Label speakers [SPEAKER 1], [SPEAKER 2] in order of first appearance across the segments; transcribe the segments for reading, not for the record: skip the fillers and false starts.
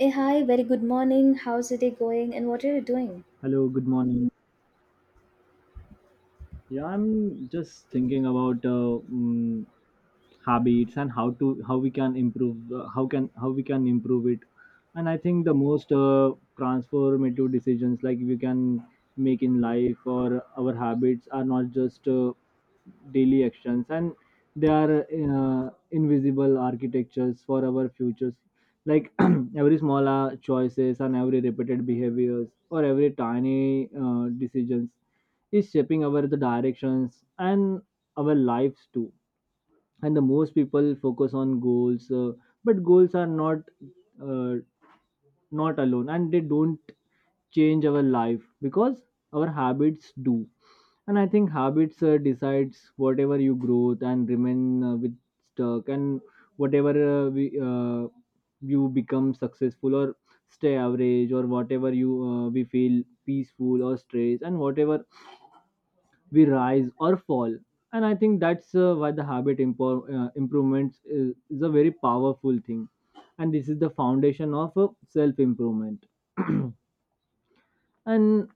[SPEAKER 1] Hey, hi, very good morning. How's the day going and what are you doing?
[SPEAKER 2] Hello, good morning. Yeah, I'm just thinking about habits and how we can improve how we can improve it. And I think the most transformative decisions like we can make in life or our habits are not just daily actions and they are invisible architectures for our futures. Like every small choices and every repeated behaviors or every tiny decisions is shaping our the directions and our lives too, and the most people focus on goals, but goals are not uh, not alone and they don't change our life because our habits do. And I think habits decides whatever you growth and remain with stuck, and whatever uh, we, uh, you become successful or stay average, or whatever you we feel peaceful or stressed, and whatever we rise or fall. And I think that's why the habit improvements is a very powerful thing, and this is the foundation of self improvement. And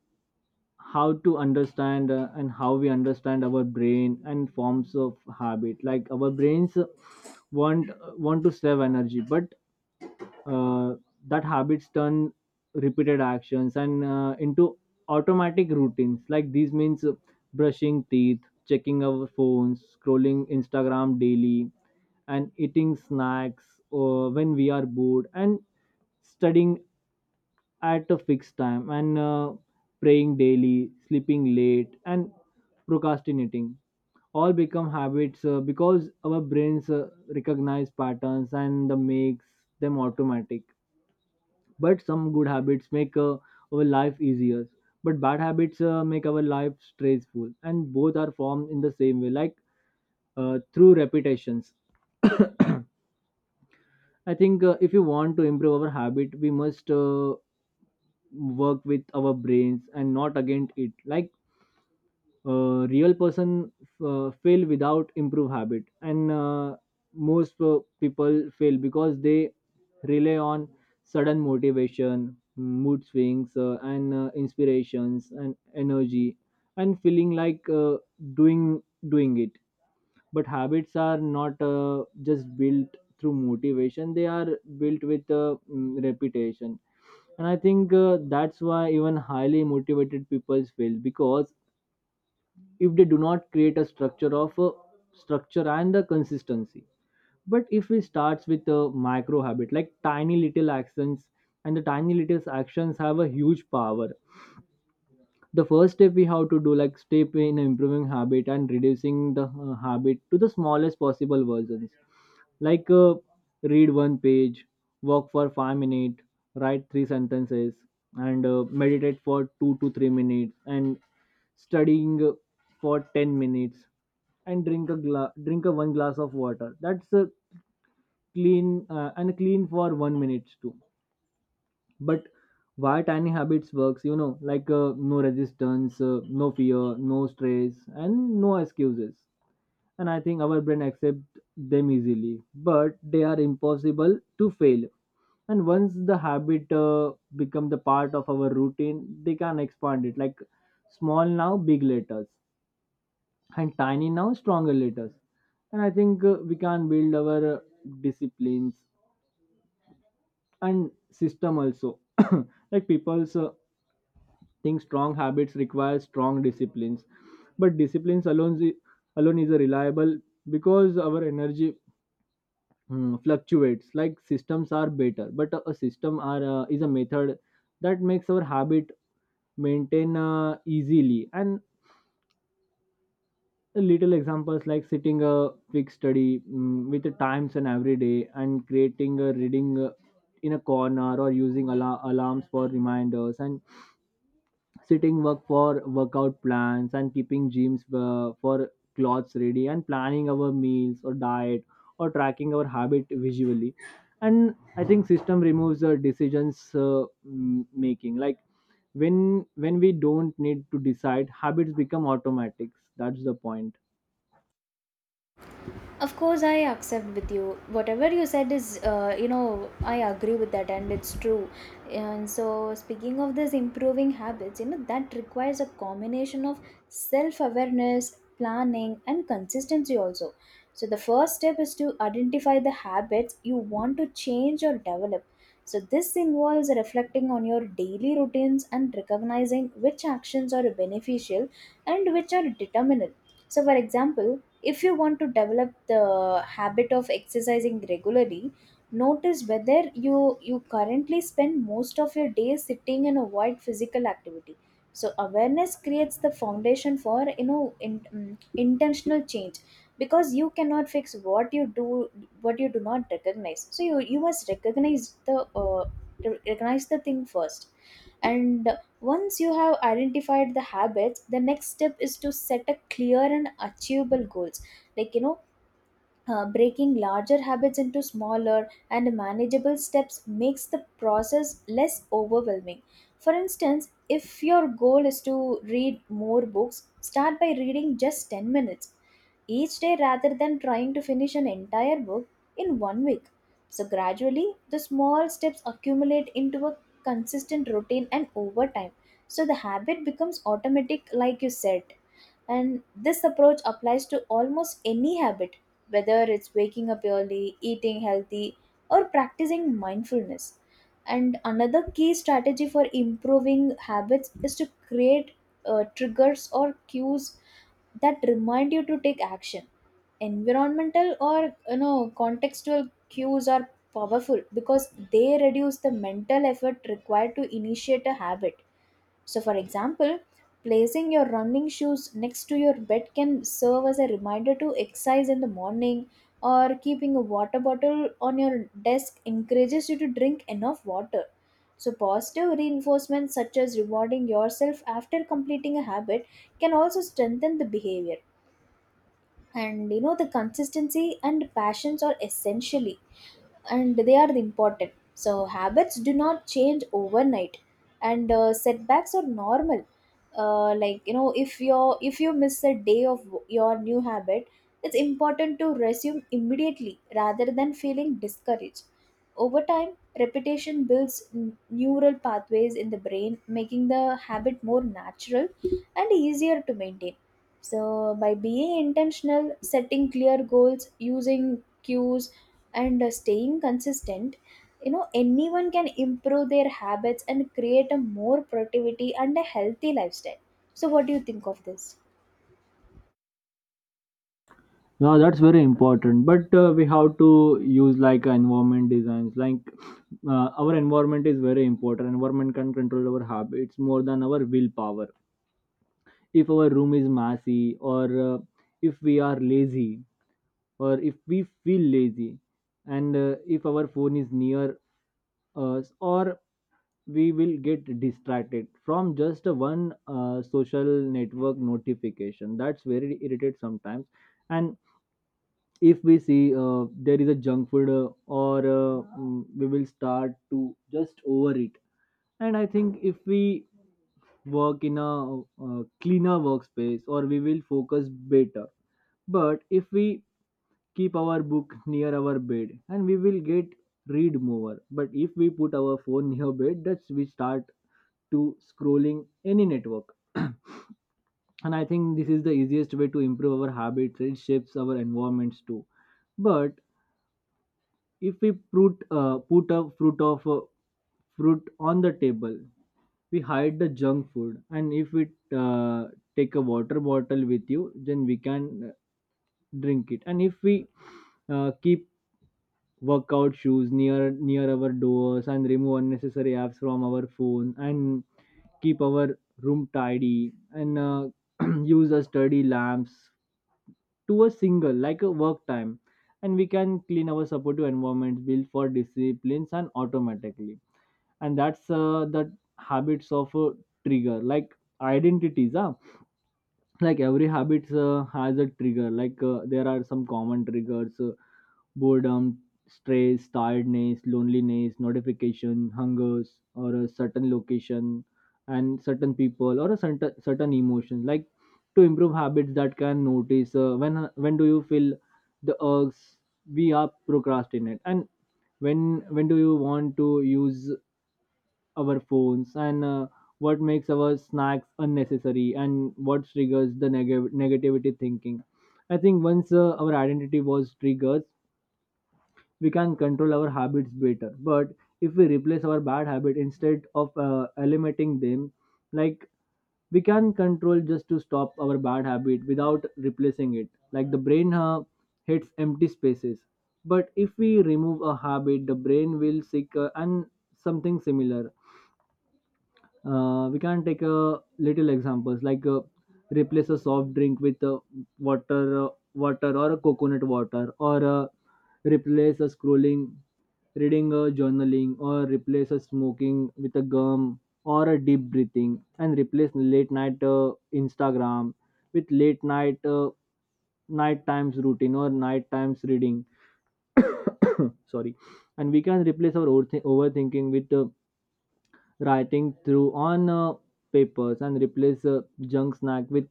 [SPEAKER 2] how to understand and how we understand our brain and forms of habit, like our brains want want to save energy, but uh, that habits turn repeated actions and into automatic routines, like these means brushing teeth, checking our phones, scrolling instagram daily, and eating snacks when we are bored, and studying at a fixed time, and praying daily, sleeping late, and procrastinating all become habits because our brains recognize patterns and the makes them automatic. But some good habits make our life easier, but bad habits make our life stressful, and both are formed in the same way, like through repetitions. I think if you want to improve our habit, we must work with our brains and not against it. Like real person fail without improve habit, and most people fail because they rely on sudden motivation, mood swings, and inspirations and energy and feeling like doing doing it. But habits are not just built through motivation, they are built with reputation. And I think that's why even highly motivated people fail because if they do not create a structure of structure and the consistency. But if we starts with a micro habit, like tiny little actions, and the tiny little actions have a huge power. The first step we have to do, like step in improving habit, and reducing the habit to the smallest possible versions. Like read one page, walk for 5 minutes, write three sentences, and meditate for 2 to 3 minutes, and studying for 10 minutes, and drink a one glass of water, that's a clean, and clean for 1 minute too. But why tiny habits works, you know, like no resistance, no fear, no stress, and no excuses. And I think our brain accept them easily. But they are impossible to fail. And once the habit become the part of our routine, they can expand it, like small now, big letters, and tiny now, stronger letters. And I think we can build our disciplines and system also. Like people's think strong habits require strong disciplines, but alone is a reliable because our energy, Hmm, fluctuates. Like systems are better, but a system are is a method that makes our habit maintain easily. And a little examples, like sitting a quick study mm with the times and every day, and creating a reading in a corner, or alarms for reminders, and setting work for workout plans, and keeping gyms for clothes ready, and planning our meals or diet, or tracking our habit visually. And I think system removes the decisions, making, like when we don't need to decide, habits become automatics, that's the point.
[SPEAKER 1] Of course, I accept with you. Whatever you said is, I agree with that, and it's true. And so, speaking of this improving habits, that requires a combination of self awareness, planning, and consistency also. So, the first step is to identify the habits you want to change or develop. So, this involves reflecting on your daily routines and recognizing which actions are beneficial and which are determinant. So, for example, if you want to develop the habit of exercising regularly, notice whether you currently spend most of your day sitting and avoid physical activity. So awareness creates the foundation for intentional change, because you cannot fix what you do, what you do not recognize. So you must recognize the thing first. And once you have identified the habits, the next step is to set a clear and achievable goals. Like you know, Breaking larger habits into smaller and manageable steps makes the process less overwhelming. For instance, if your goal is to read more books, start by reading just 10 minutes each day rather than trying to finish an entire book in 1 week. So, gradually, the small steps accumulate into a consistent routine and over time. So, the habit becomes automatic, like you said. And this approach applies to almost any habit, whether it's waking up early, eating healthy, or practicing mindfulness. And another key strategy for improving habits is to create triggers or cues that remind you to take action. Environmental or contextual cues are powerful because they reduce the mental effort required to initiate a habit. So, for example, placing your running shoes next to your bed can serve as a reminder to exercise in the morning, or keeping a water bottle on your desk encourages you to drink enough water. So, positive reinforcements such as rewarding yourself after completing a habit can also strengthen the behavior. And you know, the consistency and passions are essentially, and they are the important. So habits do not change overnight, and setbacks are normal. Like you know, if you miss a day of your new habit, it's important to resume immediately rather than feeling discouraged. Over time, repetition builds neural pathways in the brain, making the habit more natural and easier to maintain. So by being intentional, setting clear goals, using cues, and staying consistent, you know, anyone can improve their habits and create a more productivity and a healthy lifestyle. So what do you think of this?
[SPEAKER 2] No, that's very important, but we have to use like environment designs like our environment is very important environment can control our habits more than our willpower if our room is messy or if we are lazy or if we feel lazy and if our phone is near us or we will get distracted from just a one social network notification that's very irritates sometimes and if we see there is a junk food or mm, we will start to just overeat and I think if we work in a cleaner workspace or we will focus better but if we keep our book near our bed and we will get read more but if we put our phone near bed that's we start to scrolling any network and I think this is the easiest way to improve our habits it shapes our environments too but if we put put a fruit of fruit on the table we hide the junk food and if we uh, take a water bottle with you then we can drink it and if we keep workout shoes near near our doors and remove unnecessary apps from our phone and keep our room tidy and use a study lamps to a single like a work time and we can clean our supportive environment build for disciplines and automatically and that's the habits of a trigger like identities huh? like every habit has a trigger like there are some common triggers Boredom, stress, tiredness, loneliness, notification, hungers, or a certain location and certain people or a certain certain emotion. Like to improve habits that can notice when do you feel the urges we are procrastinate and when do you want to use our phones and what makes our snacks unnecessary and what triggers the neg- negativity thinking I think once our identity was triggered we can control our habits better but if we replace our bad habit instead of eliminating them like we can control just to stop our bad habit without replacing it like the brain hates empty spaces but if we remove a habit the brain will seek and something similar we can take a little examples like replace a soft drink with water water or a coconut water or replace a scrolling reading a journaling or replace a smoking with a gum or a deep breathing and replace late night instagram with late night night times routine or night times reading sorry and we can replace our overthi- overthinking with writing through on papers and replace junk snack with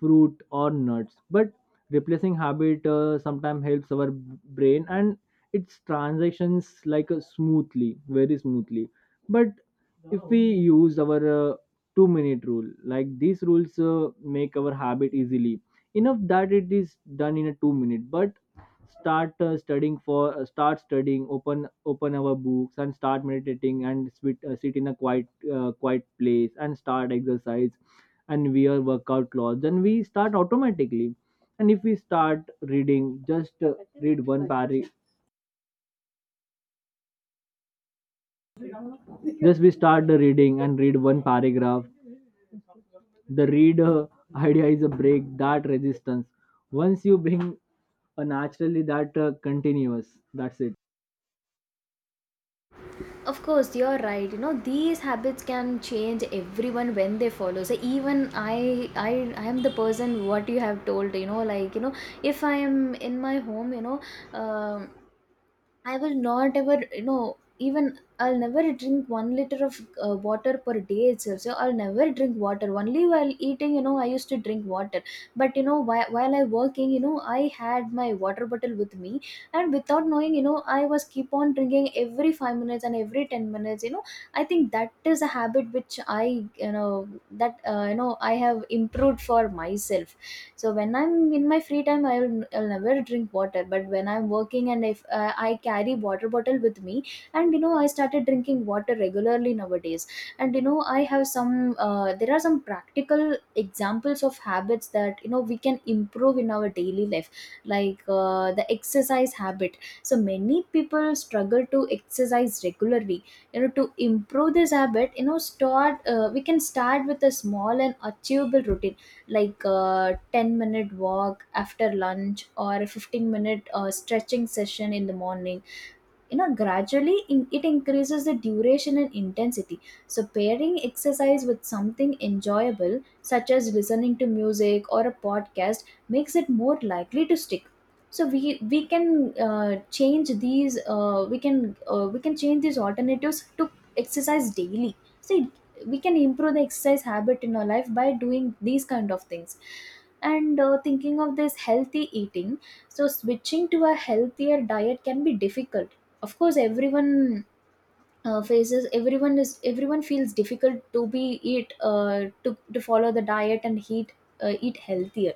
[SPEAKER 2] fruit or nuts but replacing habit sometimes helps our b- brain and its transactions like smoothly very smoothly but if we use our 2 minute rule like these rules make our habit easily enough that it is done in a 2 minute but start studying for start studying open open our books and start meditating and sit, sit in a quiet quiet place and start exercise and wear workout clothes and we start automatically and if we start reading just read one paragraph just we start the reading and read one paragraph the reader idea is a break that resistance once you bring, a naturally that continuous that's it
[SPEAKER 1] Of course, you're right. You know, these habits can change everyone when they follow. So even I, I am the person what you have told. If I am in my home, you know, um I will not ever, you know, even I'll never drink 1 liter of water per day itself. So I'll never drink water. Only while eating, you know, I used to drink water. But you know, while I working, you know, I had my water bottle with me, and without knowing, you know, I was keep on drinking every 5 minutes and every 10 minutes. You know, I think that is a habit which I, you know, that you know I have improved for myself. So when I'm in my free time, I'll never drink water. But when I'm working and if I carry water bottle with me, and you know, I started drinking water regularly nowadays. And you know, I have some there are some practical examples of habits that you know we can improve in our daily life, like the exercise habit. So many people struggle to exercise regularly. To improve this habit, you know, start we can start with a small and achievable routine, like a 10-minute walk after lunch or a 15 minute stretching session in the morning. You know, it increases the duration and intensity. So pairing exercise with something enjoyable, such as listening to music or a podcast, makes it more likely to stick. So we can change these we can change these alternatives to exercise daily. See, we can improve the exercise habit in our life by doing these kind of things. And thinking of this healthy eating, so switching to a healthier diet can be difficult. Of course, everyone faces everyone is everyone feels difficult to to follow the diet and heat eat healthier.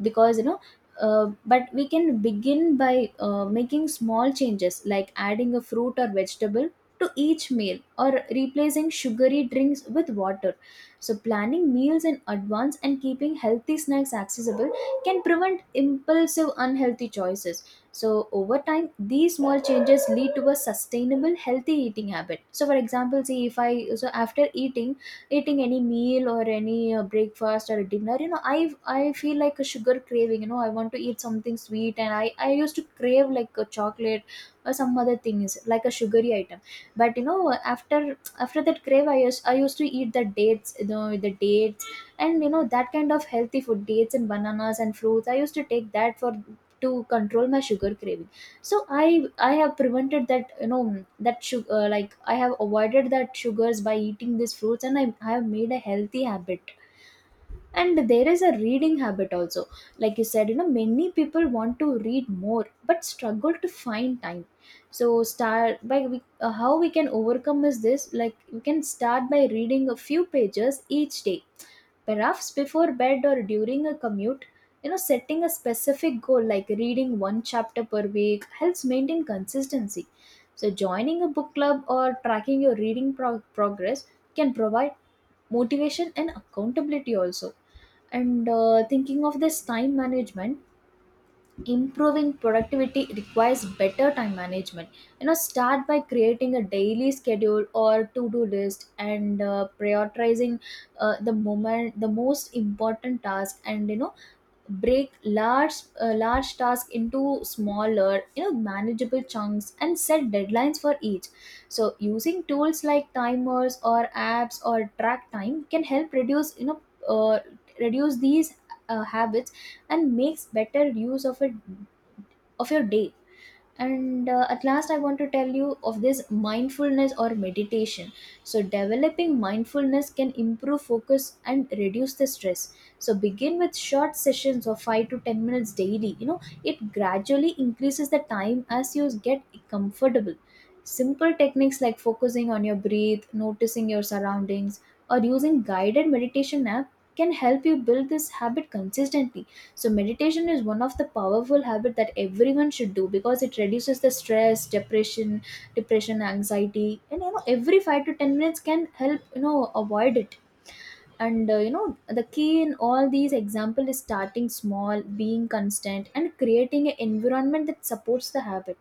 [SPEAKER 1] Because you know, but we can begin by making small changes like adding a fruit or vegetable to each meal, or replacing sugary drinks with water. So planning meals in advance and keeping healthy snacks accessible can prevent impulsive unhealthy choices. So, over time, these small changes lead to a sustainable, healthy eating habit. So, for example, see, if I so after eating any meal or any breakfast or dinner, you know, I feel like a sugar craving. You know, I want to eat something sweet, and I used to crave like a chocolate or some other things like a sugary item. But you know, after that crave, I used to eat the dates, you know, the dates. And you know, that kind of healthy food, dates and bananas and fruits, I used to take that for to control my sugar craving. So I have prevented that, you know, that sugar, like I have avoided that sugars by eating these fruits, and I have made a healthy habit. And there is a reading habit also. Like you said, you know, many people want to read more but struggle to find time. So how we can overcome is this, like we can start by reading a few pages each day. Perhaps before bed or during a commute, you know, setting a specific goal like reading one chapter per week helps maintain consistency. So, joining a book club or tracking your reading progress can provide motivation and accountability also. And thinking of this time management, improving productivity requires better time management. You know, start by creating a daily schedule or to do list, and prioritizing the most important task. And you know, break large task into smaller, you know, manageable chunks, and set deadlines for each. So using tools like timers or apps or track time can help reduce, you know, uh, reduce these habits and makes better use of it, of your day. And at last, I want to tell you of this mindfulness or meditation. So developing mindfulness can improve focus and reduce the stress. So begin with short sessions of 5 to 10 minutes daily. You know, it gradually increases the time as you get comfortable. Simple techniques like focusing on your breath, noticing your surroundings, or using guided meditation app can help you build this habit consistently. So meditation is one of the powerful habit that everyone should do, because it reduces the stress, depression, anxiety, and you know, every 5 to 10 minutes can help you know avoid it. And you know, the key in all these example is starting small, being constant, and creating an environment that supports the habit.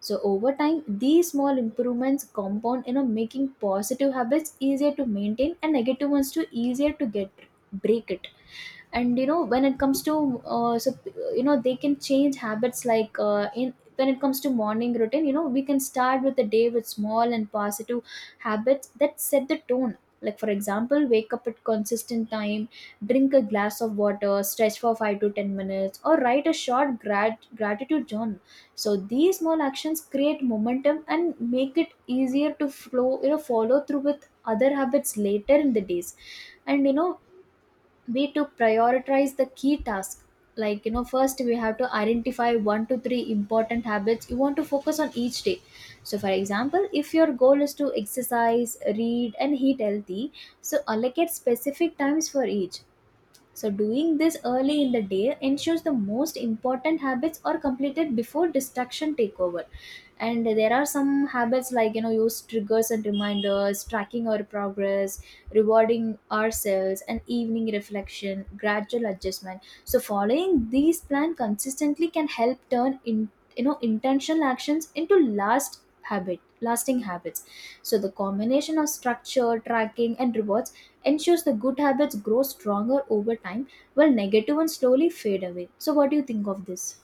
[SPEAKER 1] So over time, these small improvements compound, you know, making positive habits easier to maintain and negative ones too easier to get break it. And you know, when it comes to they can change habits, like in when it comes to morning routine, you know, we can start with the day with small and positive habits that set the tone. Like for example, wake up at consistent time, drink a glass of water, stretch for 5 to 10 minutes, or write a short gratitude journal. So these small actions create momentum and make it easier to flow you know follow through with other habits later in the days. And you know, we to prioritize the key task. Like you know, first we have to identify 1 to 3 important habits you want to focus on each day. So for example, if your goal is to exercise, read, and eat healthy, so allocate specific times for each. So, doing this early in the day ensures the most important habits are completed before distraction take over. And there are some habits, like you know, use triggers and reminders, tracking our progress, rewarding ourselves, and evening reflection, gradual adjustment. So following these plan consistently can help turn in, you know, intentional actions into lasting habits. So, the combination of structure, tracking, and rewards ensures the good habits grow stronger over time while negative ones slowly fade away. So, what do you think of this?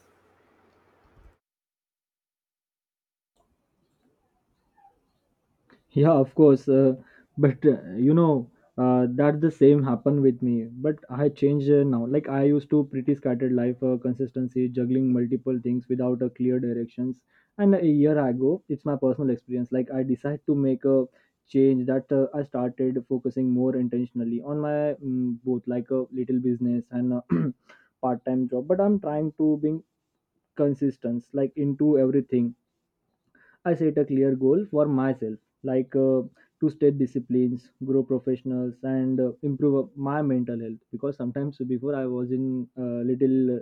[SPEAKER 2] yeah of course but you know, that the same happened with me, but I changed now. Like I used to pretty scattered life, consistency juggling multiple things without a clear directions. And a year ago, it's my personal experience, like I decided to make a change, that I started focusing more intentionally on my both, like a little business and a part-time job, but I'm trying to being consistent, like into everything. I set a clear goal for myself, like to stay disciplines, grow professionals, and improve my mental health. Because sometimes before I was in little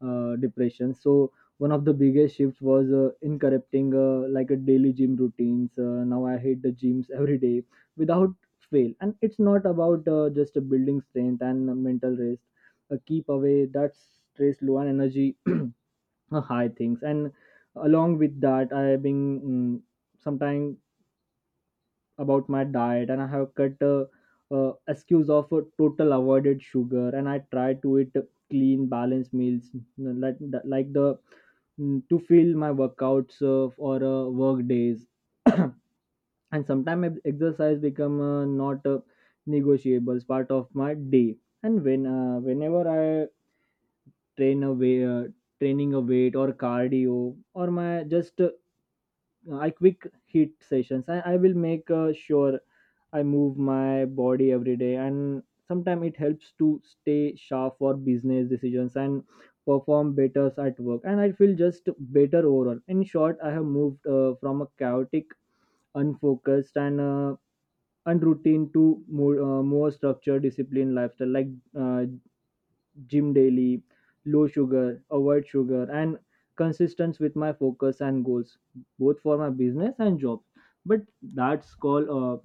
[SPEAKER 2] depression. So one of the biggest shifts was incorrecting like a daily gym routines. Now I hit the gyms every day without fail, and it's not about just building strength and mental rest. Keep away that stress, low and energy high things. And along with that, I have been, sometime, about my diet, and I have cut excuse of total avoided sugar, and I try to eat clean balanced meals, you know, like the to fill my workouts or work days. And sometimes exercise become not negotiables part of my day. And when whenever I train away uh, training a weight or cardio, or my just I quick hit sessions. I will make sure I move my body every day, and sometimes it helps to stay sharp for business decisions and perform better at work. And I feel just better overall. In short, I have moved from a chaotic, unfocused, and unroutine to more structured, disciplined lifestyle. Like uh, gym daily, low sugar, avoid sugar, and consistent with my focus and goals, both for my business and jobs. But that's called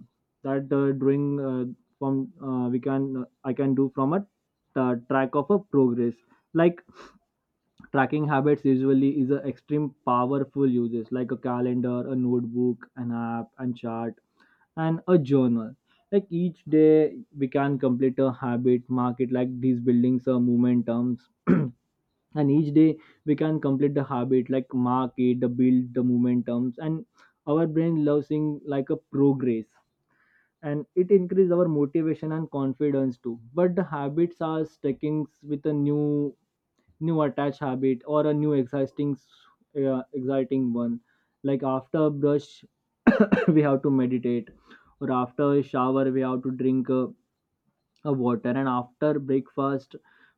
[SPEAKER 2] that doing from we can I can do from a track of a progress. Like tracking habits usually is a extreme powerful uses like a calendar, a notebook, an app and chart and a journal. Like each day, we can complete a habit, mark it like these buildings are momentums. And each day we can complete the habit like mark it the build the momentums, and our brain loves seeing like a progress, and it increases our motivation and confidence too. But the habits are sticking with a new attached habit or a new exciting one. Like after a brush we have to meditate, or after a shower we have to drink a water, and after breakfast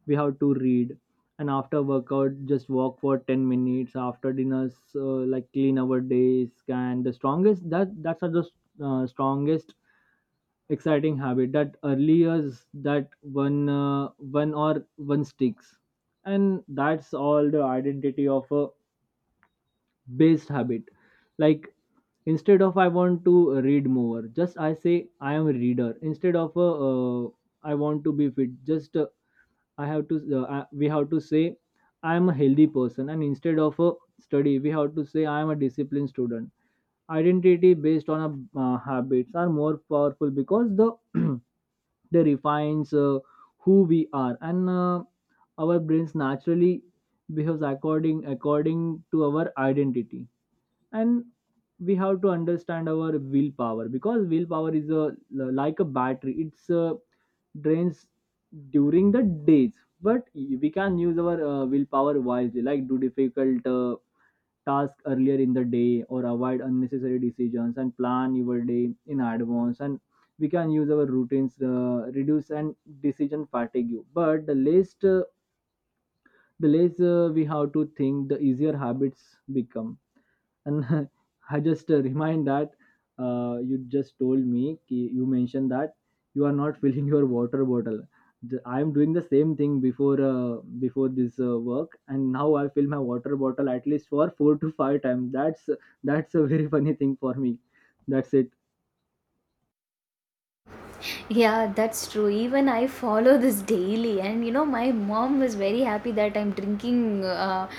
[SPEAKER 2] we have to read, and after workout just walk for 10 minutes after dinners like clean our days. And the strongest that's are the strongest exciting habit that early is that one sticks. And that's all the identity of a based habit. Like instead of I want to read more, just I say I am a reader. Instead of I want to be fit, just I have to I- we have to say I am a healthy person. And instead of a study, we have to say I am a disciplined student. Identity based on habits are more powerful because the they refines who we are. And our brains naturally behaves according to our identity. And we have to understand our willpower, because willpower is a like a battery. It's a drains during the days. But we can use our willpower wisely, like do difficult task earlier in the day, or avoid unnecessary decisions and plan your day in advance. And we can use our routines reduce and decision fatigue. But the less we have to think, the easier habits become. And I just remind that you just told me ki you mentioned that you are not filling your water bottle. I am doing the same thing before before this work, and now I fill my water bottle at least for 4 to 5 times. That's a very funny thing for me. That's it.
[SPEAKER 1] Yeah, that's true. Even I follow this daily, and you know, my mom was very happy that I'm drinking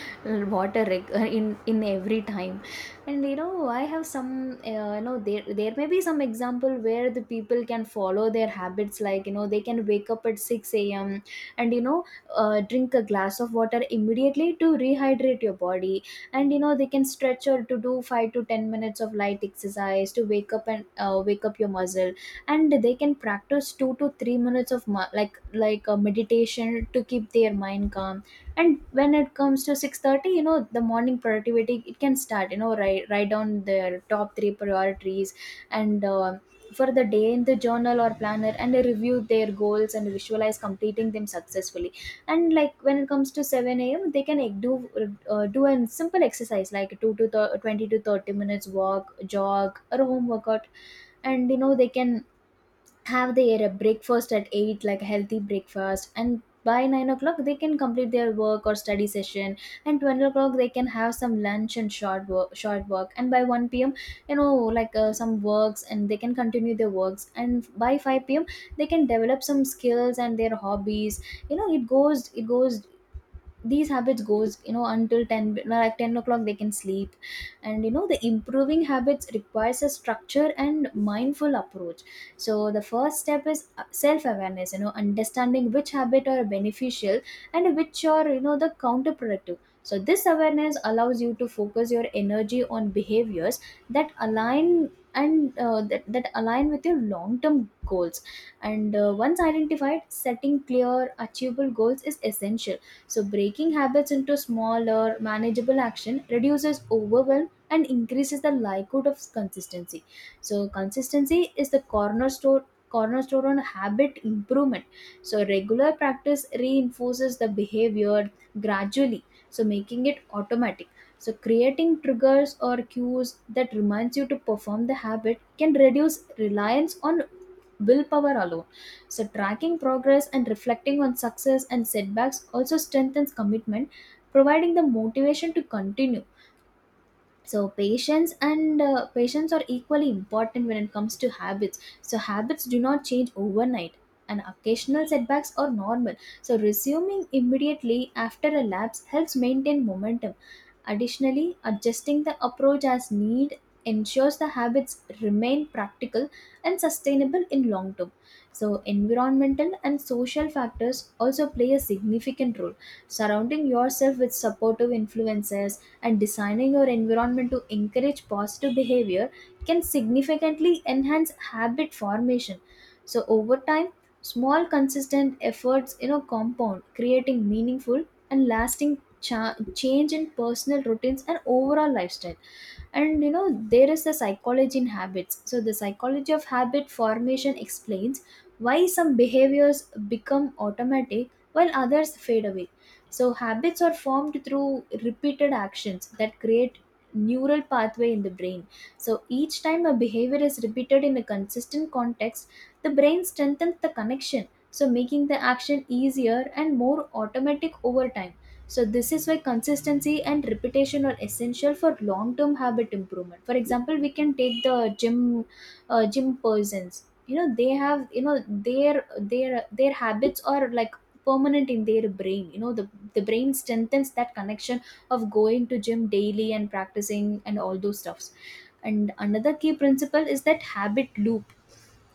[SPEAKER 1] water in every time. And you know, I have some, you know, there may be some example where the people can follow their habits, like you know, they can wake up at six a.m. and you know, drink a glass of water immediately to rehydrate your body, and you know, they can stretch or to do 5 to 10 minutes of light exercise to wake up and wake up your muscle. And they can practice 2 to 3 minutes of like a meditation to keep their mind calm. And when it comes to 6:30, you know, the morning productivity it can start. You know, write down their top 3 priorities and for the day in the journal or planner, and they review their goals and visualize completing them successfully. And like when it comes to 7 a.m, they can like, do do a simple exercise like 2 to 20 to 30 minutes walk, jog, or home workout. And you know they can have their breakfast at 8, like a healthy breakfast, and by 9 o'clock they can complete their work or study session. And 12 o'clock they can have some lunch and short work, and by 1 p.m, you know, like some works, and they can continue their works, and by 5 p.m they can develop some skills and their hobbies. You know, it goes, these habits goes, you know, until 10, no, like 10 o'clock they can sleep. And you know, the improving habits requires a structure and mindful approach. So the first step is self awareness, you know, understanding which habit are beneficial and which are, you know, the counterproductive. So this awareness allows you to focus your energy on behaviors that align and that align with your long term goals. And once identified, setting clear achievable goals is essential. So, breaking habits into smaller, manageable action reduces overwhelm and increases the likelihood of consistency. So, consistency is the cornerstone on habit improvement. So, regular practice reinforces the behavior gradually, so making it automatic. So, creating triggers or cues that reminds you to perform the habit can reduce reliance on willpower alone. So, tracking progress and reflecting on success and setbacks also strengthens commitment, providing the motivation to continue. So patience and patience are equally important when it comes to habits. So habits do not change overnight, and occasional setbacks are normal. So resuming immediately after a lapse helps maintain momentum. Additionally, adjusting the approach as need ensures the habits remain practical and sustainable in long term. So environmental and social factors also play a significant role. Surrounding yourself with supportive influences and designing your environment to encourage positive behavior can significantly enhance habit formation. So over time, small consistent efforts, you know, compound, creating meaningful and lasting change in personal routines and overall lifestyle. And you know, there is the psychology in habits. So the psychology of habit formation explains why some behaviors become automatic while others fade away. So habits are formed through repeated actions that create neural pathway in the brain. So each time a behavior is repeated in a consistent context, the brain strengthens the connection, so making the action easier and more automatic over time. So this is why consistency and repetition are essential for long-term habit improvement. For example, we can take the gym persons. You know they have, you know, their habits are like permanent in their brain, you know, the brain strengthens that connection of going to gym daily and practicing and all those stuffs. And another key principle is that habit loop,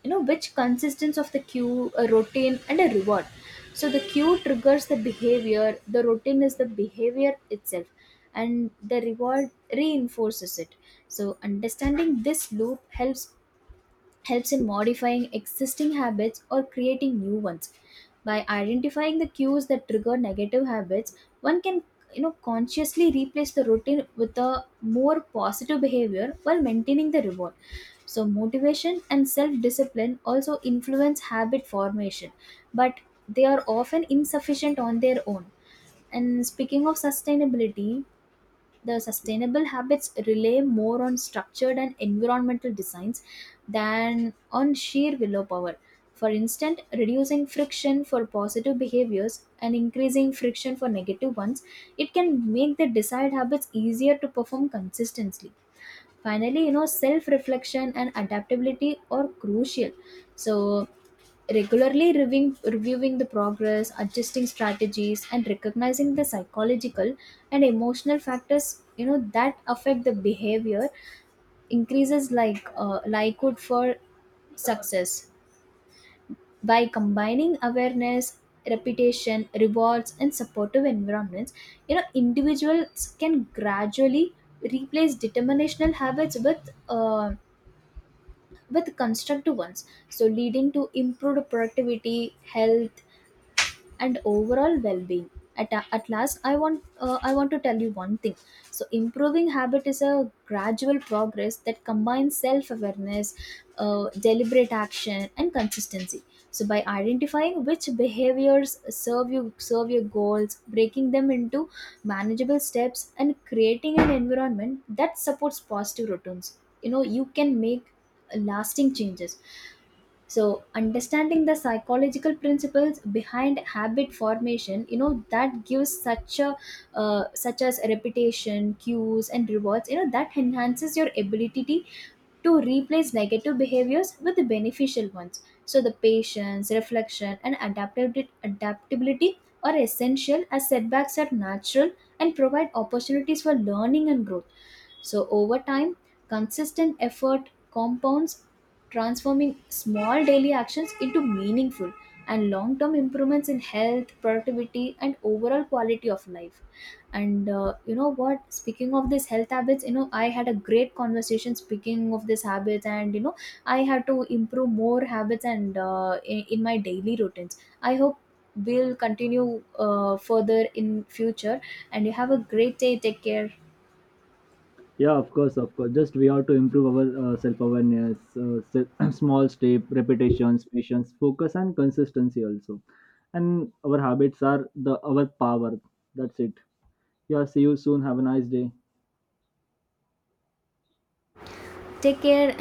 [SPEAKER 1] you know, which consists of the cue, a routine, and a reward. So the cue triggers the behavior, the routine is the behavior itself, and the reward reinforces it. So understanding this loop helps in modifying existing habits or creating new ones. By identifying the cues that trigger negative habits, one can, you know, consciously replace the routine with a more positive behavior while maintaining the reward. So motivation and self discipline also influence habit formation, but they are often insufficient on their own. And speaking of sustainability, the sustainable habits rely more on structured and environmental designs than on sheer willpower. For instance, reducing friction for positive behaviors and increasing friction for negative ones, it can make the desired habits easier to perform consistently. Finally, you know, self reflection and adaptability are crucial. So regularly reviewing reviewing the progress, adjusting strategies, and recognizing the psychological and emotional factors, you know, that affect the behavior, increases like likelihood for success by combining awareness, repetition, rewards, and supportive environments. You know, individuals can gradually replace determinational habits with constructive ones, so leading to improved productivity, health, and overall well-being. At last, I want I want to tell you one thing. So improving habit is a gradual progress that combines self-awareness, deliberate action, and consistency. So by identifying which behaviors serve your goals, breaking them into manageable steps and creating an environment that supports positive returns, you know, you can make lasting changes. So understanding the psychological principles behind habit formation, you know, that gives such a such as reputation cues and rewards, you know, that enhances your ability to replace negative behaviors with the beneficial ones. So the patience, reflection, and adaptability are essential, as setbacks are natural and provide opportunities for learning and growth. So, over time, consistent effort compounds, transforming small daily actions into meaningful and long term improvements in health, productivity, and overall quality of life. And you know what? Speaking of these health habits, you know, I had a great conversation speaking of these habits, and you know, I had to improve more habits and in my daily routines. I hope we'll continue further in future, and you have a great day. Take care.
[SPEAKER 2] Yeah, of course, of course. Just we have to improve our self awareness, small step, repetitions, patience, focus, and consistency also. And our habits are the our power. That's it. Yeah, see you soon. Have a nice day.
[SPEAKER 1] Take care.